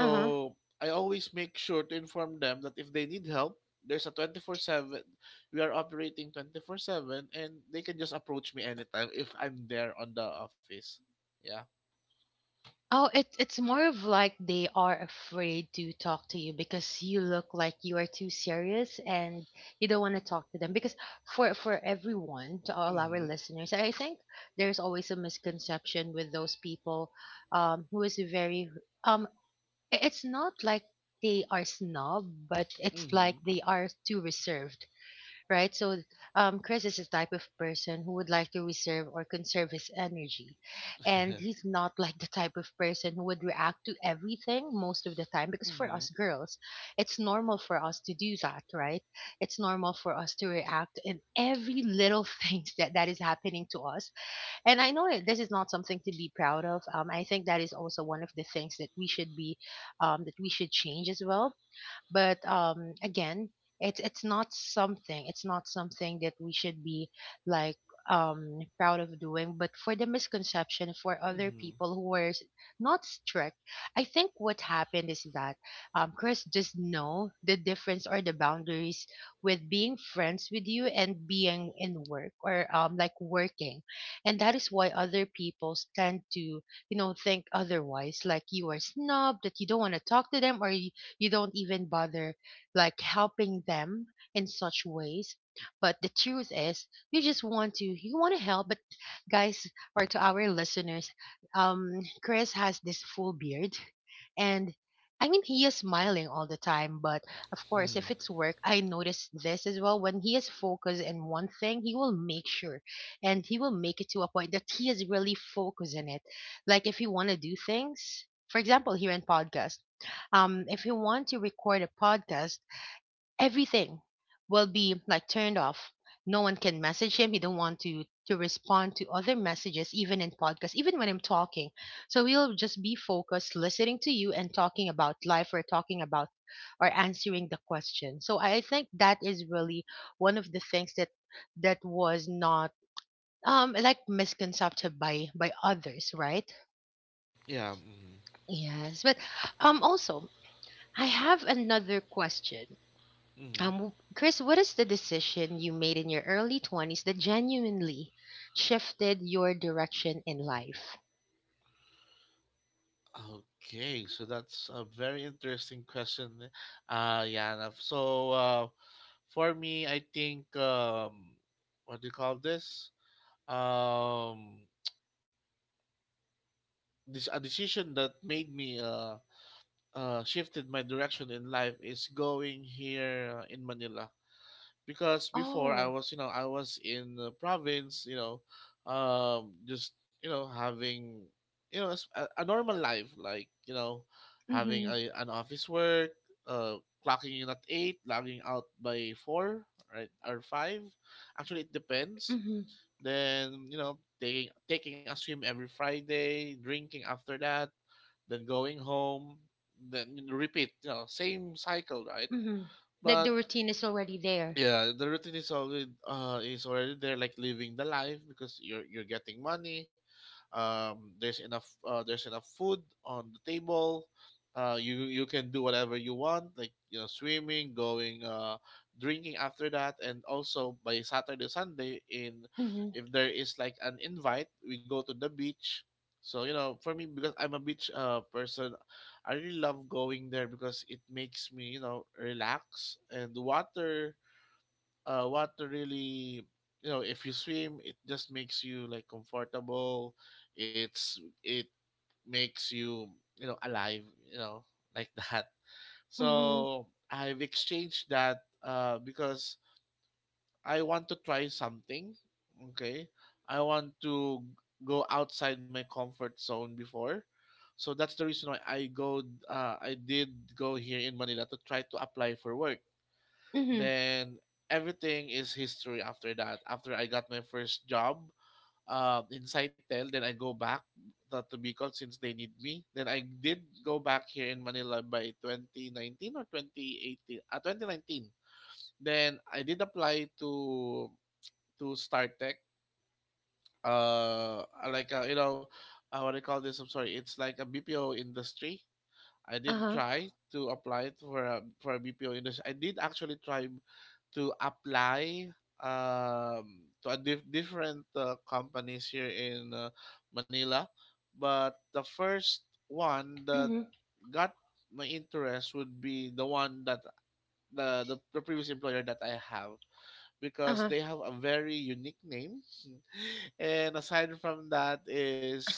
Uh-huh.
I always make sure to inform them that if they need help there's a 24/7, we are operating 24/7 and they can just approach me anytime if I'm there on the office. Yeah.
Oh, it's more of like they are afraid to talk to you because you look like you are too serious and you don't want to talk to them because for everyone, to all our
mhm
listeners, I think there's always a misconception with those people who is very um It's not like they are snob, but it's like
mhm
they are too reserved, right? So, Chris is the type of person who would like to reserve or conserve his energy, and he's
<laughs>
not <laughs> like the type of person who would react to everything most of the time. Because for
mhm
us girls, it's normal for us to do that, right? It's normal for us to react in every little <laughs> things that is happening to us, and I know this is not something to be proud of. I think that is also one of the things that we should be, that we should change as well. But again, it's not something. It's not something that we should be like proud of doing. But for the misconception for other
mhm
people who were not strict, I think what happened is that Chris just know the difference or the boundaries with being friends with you and being in work or like working, and that is why other people tend to think otherwise, like you are snubbed, that you don't want to talk to them or you don't even bother like helping them in such ways. But the truth is you just want to you want to help. But guys, or to our listeners, um Chris has this full beard, and I mean, he is smiling all the time. But of course,
Hmm.
if it's work, I notice this as well. When he is focused in one thing, he will make sure and he will make it to a point that he is really focused in it. Like if you want to do things, for example, here in podcast, if you want to record a podcast, everything will be like turned off. No one can message him. He don't want to respond to other messages, even in podcast, even when I'm talking. So we'll just be focused listening to you and talking about life or talking about or answering the question. So I think that is really one of the things that that was not like misconcepted by others, right?
yeah mhm
Yes, but also, I have another question.
mhm
Chris, what is the decision you made in your early 20s that genuinely shifted your direction in life?
Okay, so that's a very interesting question, Yana. For me, I think what do you call this? Um, this a decision that made me shifted my direction in life is going here in Manila. Because before I
Oh,
was, you know, I was in the province, you know, just you know having, you know, a normal life, like you know, having
mm-hmm,
a, an office work, uh, clocking in at 8, logging out by 4, right, or 5. Actually, it depends.
mm-hmm,
Then you know, taking a swim every Friday, drinking after that, then going home, then you know, repeat, you know, same cycle, right?
mm-hmm. Like the
But
routine is already there.
yeah the routine is already there, like living the life because you're getting money, there's enough food on the table. You you can do whatever you want, like you know swimming going drinking after that, and also by saturday sunday, in
Mm-hmm,
if there is like an invite we go to the beach. So you know for me, because I'm a beach person, I really love going there because it makes me you know relax, and the water what really you know if you swim it just makes you like comfortable. It makes you you know alive, you know, <laughs> like that.
mm-hmm,
So I've exchanged that because I want to try something. Okay, I want to go outside my comfort zone before. So that's the reason why I did go here in Manila to try to apply for work.
mm-hmm,
Then everything is history after that. After I got my first job in Saitel, then I go back to Bicol since they need me. Then I did go back here in Manila by 2019 or 2018, 2019. Then I did apply to StarTech, uh, like uh, you know, what do you call this? I'm sorry, it's like a BPO industry. I did
uh-huh,
try to apply for a BPO industry. I did actually try to apply to a different companies here in Manila, but the first one that
mm-hmm,
got my interest would be the one that the previous employer that I have, because
uh-huh.
they have a very unique name, <laughs> and aside from that is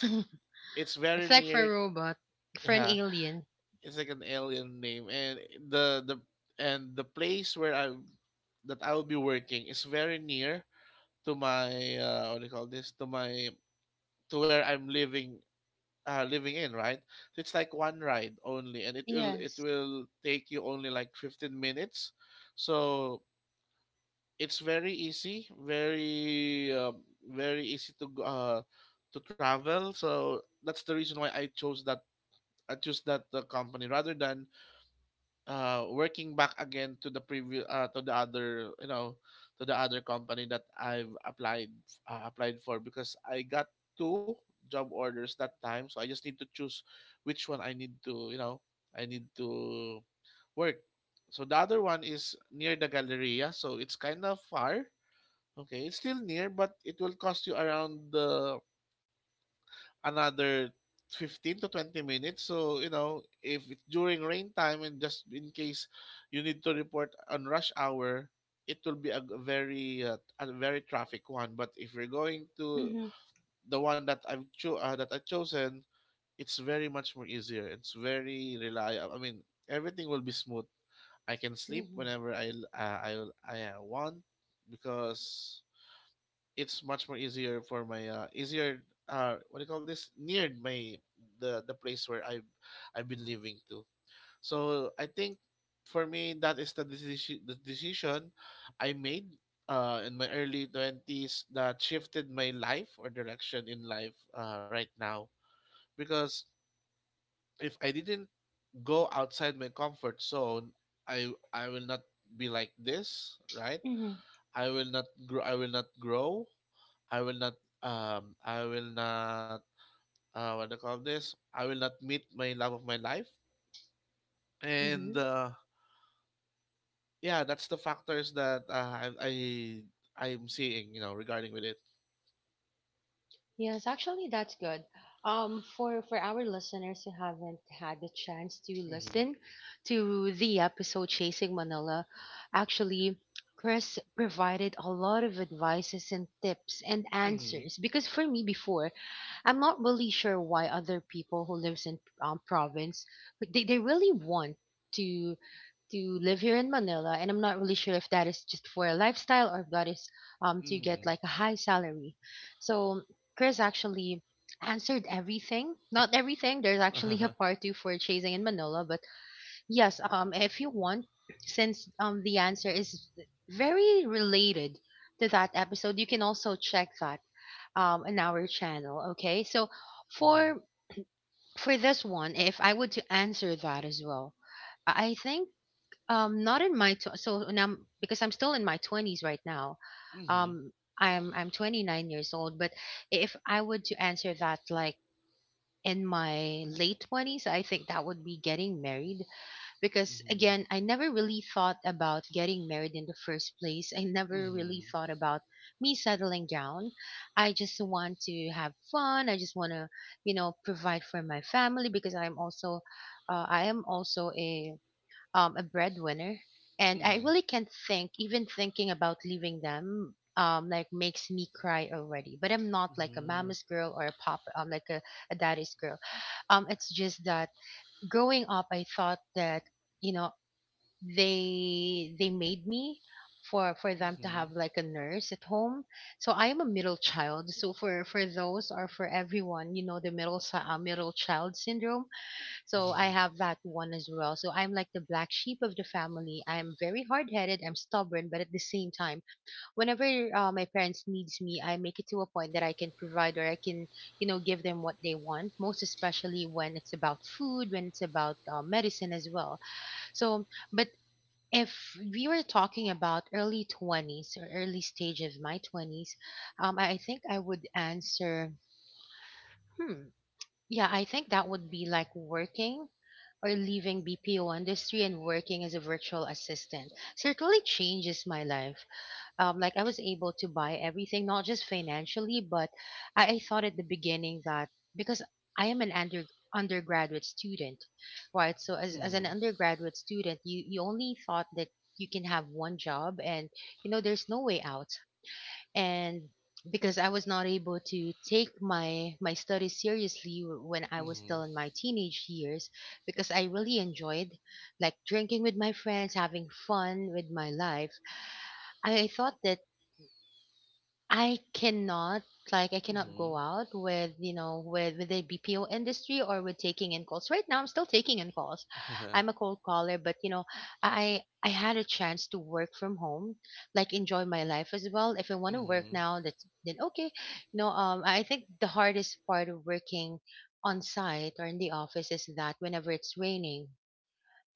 it's very
It's like for
near.
a robot, for an
Yeah,
alien.
it's like an alien name, and the place where I that I will be working is very near to my what do you call this to my to where I'm living living in, right. So it's like one ride only and it will it
Yes.
will take you only like 15 minutes. So it's very easy, very very easy to travel. So that's the reason why I chose that, I chose that company rather than working back again to the previous to the other you know to the other company that I've applied applied for, because I got two job orders that time, so I just need to choose which one I need to you know I need to work. So the other one is near the galleria, so it's kind of far. Okay, it's still near but it will cost you around the another 15 to 20 minutes. So, you know, if it's during rain time and just in case you need to report on rush hour, it will be a very traffic one. But if you're going to
Mm-hmm,
the one that that I've chosen, it's very much more easier. It's very reliable. I mean, everything will be smooth. I can sleep
mm-hmm,
whenever I l- I want, because it's much more easier for my easier what do you call this near my the place where I've been living to. So I think for me that is the decision I made in my early 20s that shifted my life or direction in life right now. Because if I didn't go outside my comfort zone, I will not be like this, right.
mm-hmm,
I will not grow. I will not grow. I will not. I will not. What do you call this? I will not meet my love of my life. And
mm-hmm.
yeah, that's the factors that I I'm seeing. You know, regarding with it.
Yes, actually, that's good. For our listeners who haven't had the chance to
Mm-hmm.
listen to the episode Chasing Manila, actually, Chris provided a lot of advices and tips and
Mm-hmm.
answers. Because for me before, I'm not really sure why other people who lives in province, but they really want to to live here in Manila, and I'm not really sure if that is just for a lifestyle or if that is to
Mm-hmm.
get like a high salary. So Chris actually answered everything. Not everything. There's actually
Uh-huh.
a part two for chasing in Manila, but yes, if you want, since the answer is very related to that episode, you can also check that in our channel. Okay. So
Mm-hmm.
for for this one, if I were to answer that as well, I think not in my tw- so now, because I'm still in my 20s right now.
Mm-hmm.
Um, I'm 29 years old, but if I would to answer that like in my late 20s, I think that would be getting married. Because
Mm-hmm.
again, I never really thought about getting married in the first place. I never really thought about me settling down. I just want to have fun. I just want to, you know, provide for my family, because I'm also I am also a breadwinner, and
Mm-hmm.
I
Mm-hmm.
really can't think. Even thinking about leaving them, like makes me cry already. But I'm not
Mm-hmm.
like a
Mm-hmm.
mama's girl or a a daddy's girl. It's just that growing up, I thought that you know they made me for them to have
Mm-hmm.
like a nurse at home. So I am a middle child. So for those or for everyone, you know, the middle child syndrome, so I have that one as well. So I'm like the black sheep of the family. I'm very hard-headed. I'm stubborn, but at the same time, whenever my parents needs me, I make it to a point that I can provide or I can, you know, give them what they want. Most especially when it's about food, when it's about medicine as well. So, but if we were talking about early 20s or early stage of my 20s, um, I think I would answer, hmm, yeah, I think that would be like working or leaving BPO industry and working as a virtual assistant certainly changes my life. Like I was able to buy everything, not just financially, but I thought at the beginning that because I am an undergraduate student, right? So as an
hmm
undergraduate student, you only thought that you can have one job and you know there's no way out, and because I was not able to take my my studies seriously when I was
hmm
still in my teenage years, because I really enjoyed like drinking with my friends, having fun with my life, I thought that I cannot, like I cannot
hmm
go out with you know with the BPO industry or with taking in calls. Right now, I'm still taking in calls. I'm a cold caller, but you know, I had a chance to work from home, like enjoy my life as well. If I want to work
hmm <laughs>
now, that's then okay. No, I think the hardest part of working on site or in the office is that whenever it's raining,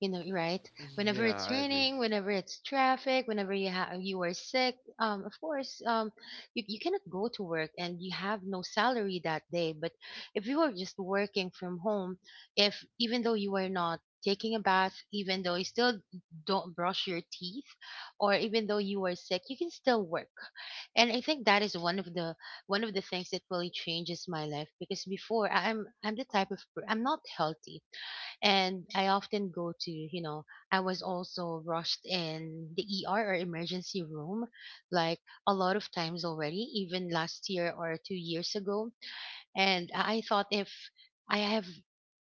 you know, right,
<laughs>
whenever it's
Yeah, I agree.
raining, whenever it's traffic, whenever you have you are sick, of course, you, you cannot go to work and you have no salary that day. But if you are just working from home, if even though you are not taking a bath, even though you still don't brush your teeth or even though you are sick, you can still work. And I think that is one of the things that really changes my life. Because before, I'm the type of per-, I'm not healthy, and I often go to, you know, I was also rushed in the ER or emergency room like a lot of times already, even last year or 2 years ago. And I thought if I have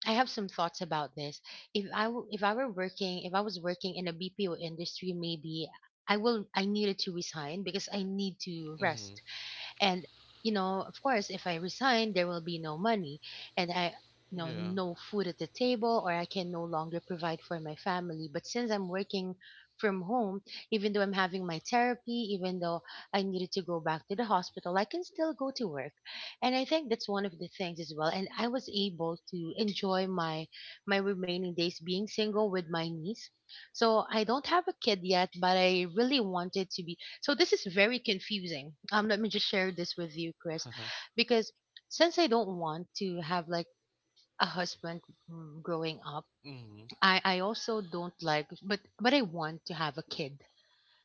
I have some thoughts about this. If if I were working, if I was working in a BPO industry, maybe I needed to resign because I need to rest,
Mm-hmm.
and you know of course if I resign, there will be no money, and I, you know,
Yeah.
no food at the table or I can no longer provide for my family. But since I'm working from home, even though I'm having my therapy, even though I needed to go back to the hospital, I can still go to work. And I think that's one of the things as well. And I was able to enjoy my my remaining days being single with my niece. So I don't have a kid yet, but I really wanted to be. So this is very confusing. Let me just share this with you, Chris,
<laughs>
because since I don't want to have like a husband, mm, growing up,
Mhm.
I also don't like, but I want to have a kid.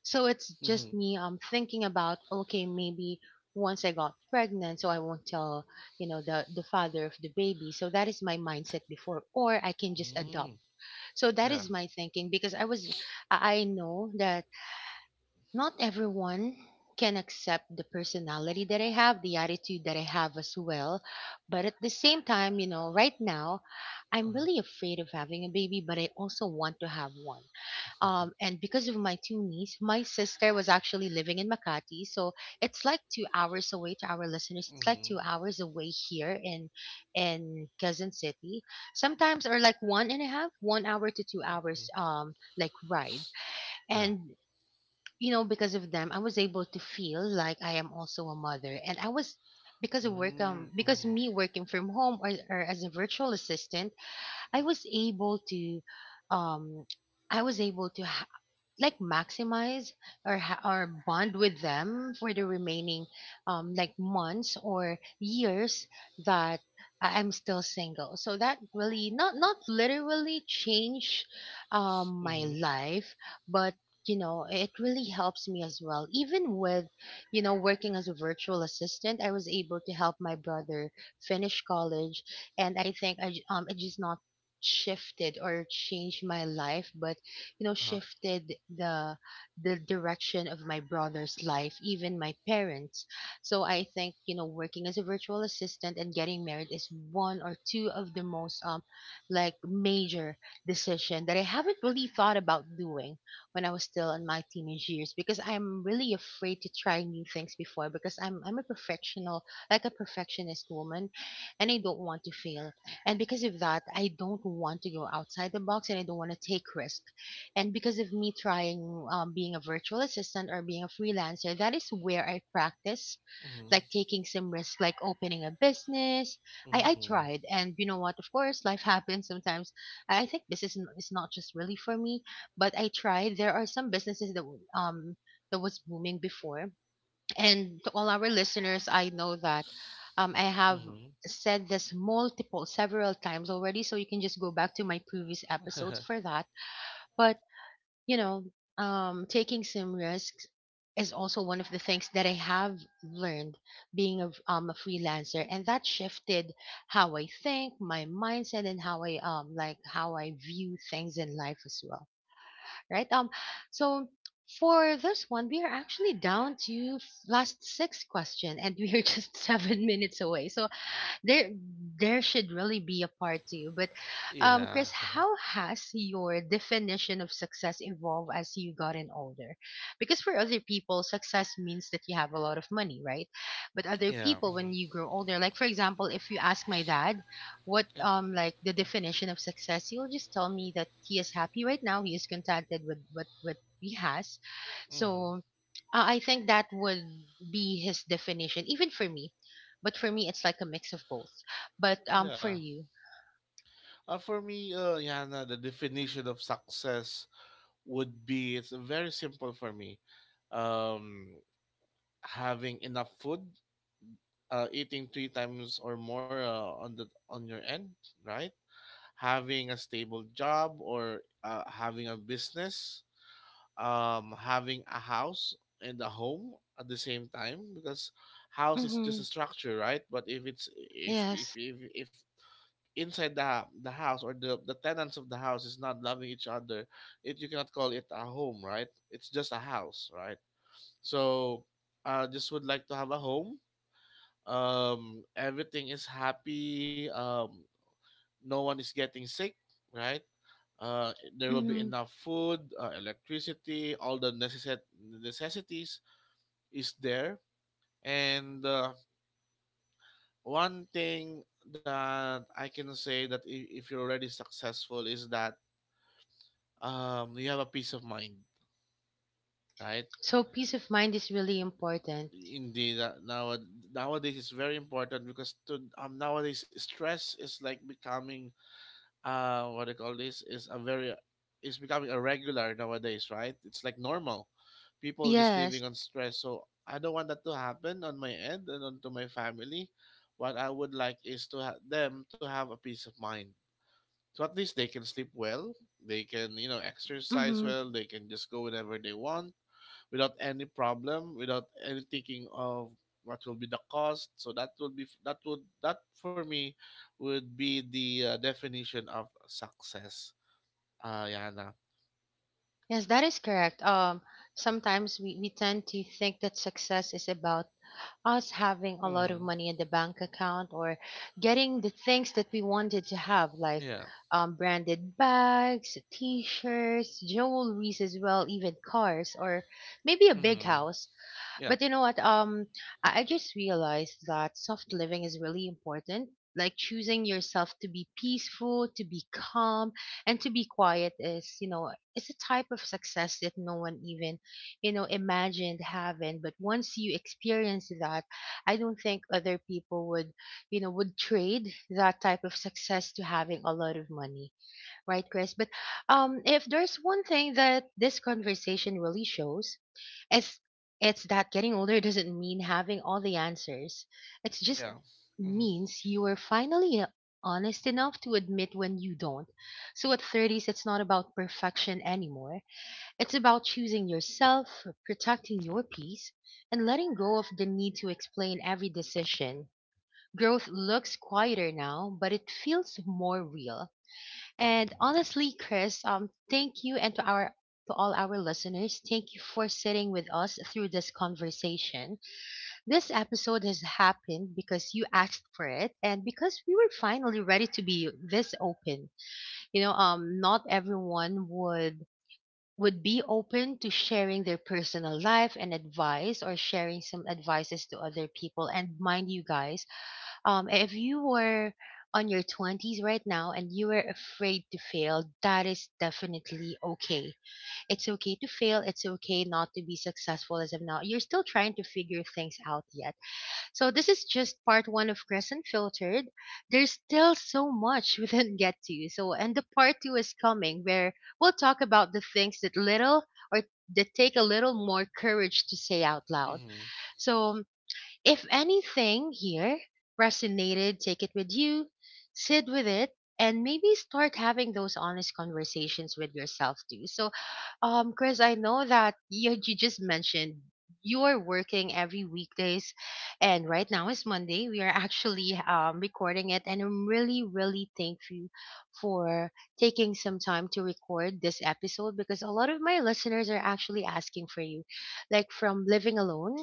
So it's just
Mhm.
me thinking about okay maybe once I got pregnant, so I won't tell you know the father of the baby. So that is my mindset before, or I can just adopt.
Mm.
So that is
Yeah.
my thinking because I was I know that not everyone can accept the personality that I have, the attitude that I have as well. But at the same time, you know, right now, I'm
Uh-huh.
really afraid of having a baby, but I also want to have one.
<laughs>
And because of my two niece, my sister was actually living in Makati, so it's like 2 hours away. To our listeners, it's like two
Mhm.
hours away here in Quezon City. Sometimes or like one and a half, 1 hour to 2 hours,
Mm.
like ride.
Yeah.
And you know, because of them, I was able to feel like I am also a mother. And I was, because of work,
Mm.
because
Mhm.
me working from home or as a virtual assistant, I was able to um I was able to ha- like maximize or bond with them for the remaining like months or years that I'm still single. So that really not literally change my
Mhm.
life, but it really helps me as well. Even with, working as a virtual assistant, I was able to help my brother finish college. And I think it just not shifted or changed my life, but
Uh-huh.
shifted the direction of my brother's life, even my parents. So I think, working as a virtual assistant and getting married is one or two of the most like major decision that I haven't really thought about doing when I was still in my teenage years, because I'm really afraid to try new things before, because I'm a perfectional, like a perfectionist woman, and I don't want to fail. And because of that, I don't want to go outside the box, and I don't want to take risk. And because of me trying being a virtual assistant or being a freelancer, that is where I practice
Mhm.
like taking some risk, like opening a business. I
Mhm.
tried, and you know what, of course life <laughs> happens sometimes. I think this is, is not just really for me, but I tried. There are some businesses that that was booming before. And to all our listeners, I know that I have
Mhm.
said this multiple several times already, so you can just go back to my previous episodes for
<laughs>
that. But, you know, taking some risks is also one of the things that I have learned being a freelancer, and that shifted how I think, my mindset, and how I like how I view things in life as well. Right. So for this one, we are actually down to last six question, and <laughs> we are just <laughs> seven minutes away. So there there should really be a part two. But
Yeah.
Chris,
<laughs>
how has your definition of success evolved as you gotten older? Because for other people, success means that you have a lot of money, right? But other
Yeah.
people,
Mhm.
when you grow older, like for example, if you ask my dad what
Yeah.
like the definition of success, he'll just tell me that he is happy right now, he is contented with what he has.
Mhm.
So I think that would be his definition, even for me. But for me, it's like a mix of both. But
Yeah.
for you,
For me, Yana, the definition of success would be it's very simple for me. Um, Having enough food eating three times or more on the on your end, right? Having a stable job or having a business, having a house and a home at the same time, because house is just
mm-hmm.
a structure, right? But if it's
Yes,
if inside the house or the tenants of the house is not loving each other, it you cannot call it a home, right? It's just a house, right? So, I just would like to have a home, everything is happy, no one is getting sick, right. There will be
mm-hmm.
enough food, electricity, necessities is there. And one thing that I can say that if you're already successful is that you have a peace of mind, right.
So peace of mind is really important.
Indeed, nowadays it's very important, because to, nowadays stress is like becoming what do you call this is a very is becoming a regular nowadays, right, it's like normal. People just
Yes,
living on stress, so I don't want that to happen on my end and onto my family. What I would like is to have them to have a peace of mind, so at least they can sleep well, they can you know exercise
mm-hmm.
well, they can just go whenever they want without any problem, without any thinking of what will be the cost. So that will be that would that for me would be the definition of success. Yana.
Yes, that is correct. Sometimes we tend to think that success is about us having a lot of
Mm,
money in the bank account, or getting the things that we wanted to have, like
yeah.
branded bags, t shirts, jewelries as well, even cars, or maybe a big
Mm,
house. But
yeah.
you know what? I just realized that soft living is really important. Like choosing yourself to be peaceful, to be calm, and to be quiet is, you know, it's a type of success that no one even, you know, imagined having. But once you experience that, I don't think other people would, you know, would trade that type of success to having a lot of money, right, Chris? But if there's one thing that this conversation really shows, it's it's that getting older doesn't mean having all the answers. It just
Yeah. Mm,
means you are finally honest enough to admit when you don't. So at thirties, it's not about perfection anymore. It's about choosing yourself, protecting your peace, and letting go of the need to explain every decision. Growth looks quieter now, but it feels more real. And honestly, Chris, thank you, and to all our listeners, thank you for sitting with us through this conversation. This episode has happened because you asked for it, and because we were finally ready to be this open. You know, not everyone would be open to sharing their personal life and advice, or sharing some advices to other people. And mind you guys, if you were on your twenties right now and you were afraid to fail, that is definitely okay. It's okay to fail, it's okay not to be successful as of now, you're still trying to figure things out yet. So this is just part one of Crescent Filtered. There's still so much we didn't get to, so, and the part two is coming, where we'll talk about the things that little, or that take a little more courage to say out loud.
mm,
So if anything here resonated, take it with you, sit with it, and maybe start having those honest conversations with yourself too. So, Chris, I know that you just mentioned you're working every weekdays, and right now is Monday. We are actually recording it, and I'm really, really thankful for taking some time to record this episode, because a lot of my listeners are actually asking for you, like from living alone,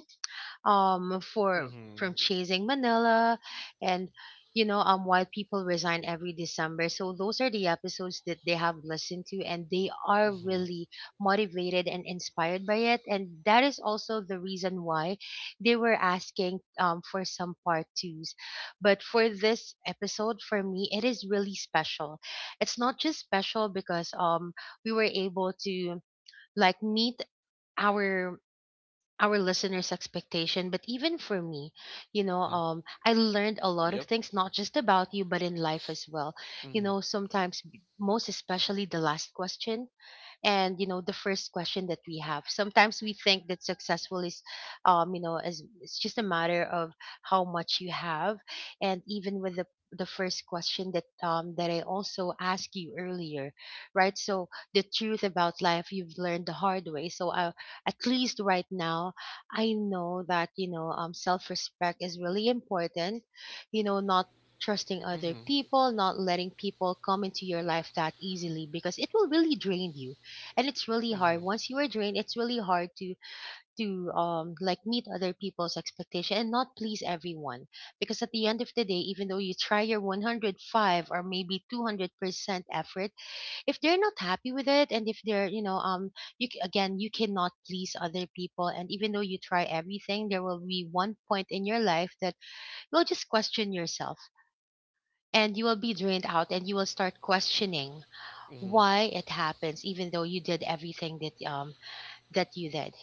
for from
mm,
Chasing Manila, and you know, why people resign every December. So those are the episodes that they have listened to, and they are
mm,
really motivated and inspired by it, and that is also the reason why they were asking for some part 2s. But for this episode, for me, it is really special. It's not just special because we were able to like meet our our listeners' expectation, but even for me, you know,
uh huh.
I learned a lot of
Yep.
things, not just about you, but in life as well. You know,
Mm,
sometimes, most especially the last question, and you know the first question that we have, sometimes we think that successful is you know, as it's just a matter of how much you have. And even with the first question that that I also asked you earlier, right? So the truth about life you've learned the hard way. So at least right now, I know that, you know, self-respect is really important. You know, not trusting other
mm,
people, not letting people come into your life that easily, because it will really drain you. And it's really hard
mm,
once you are drained, it's really hard to like meet other people's expectation, and not please everyone. Because at the end of the day, even though you try your 105 or maybe 200% effort, if they're not happy with it, and if they're, you know, again, you cannot please other people. And even though you try everything, there will be one point in your life that you'll just question yourself, and you will be drained out, and you will start questioning
mm,
why it happens, even though you did everything that that you did,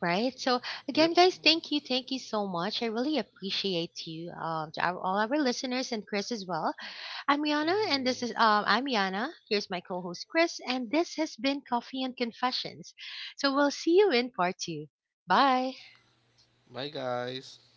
right? So again,
yep.
guys, thank you so much. I really appreciate you, all our listeners, and Chris as well.
Mm.
I'm Yana. Here's my co-host Chris, and this has been Coffee and Confessions. So we'll see you in part two. Bye.
Bye, guys.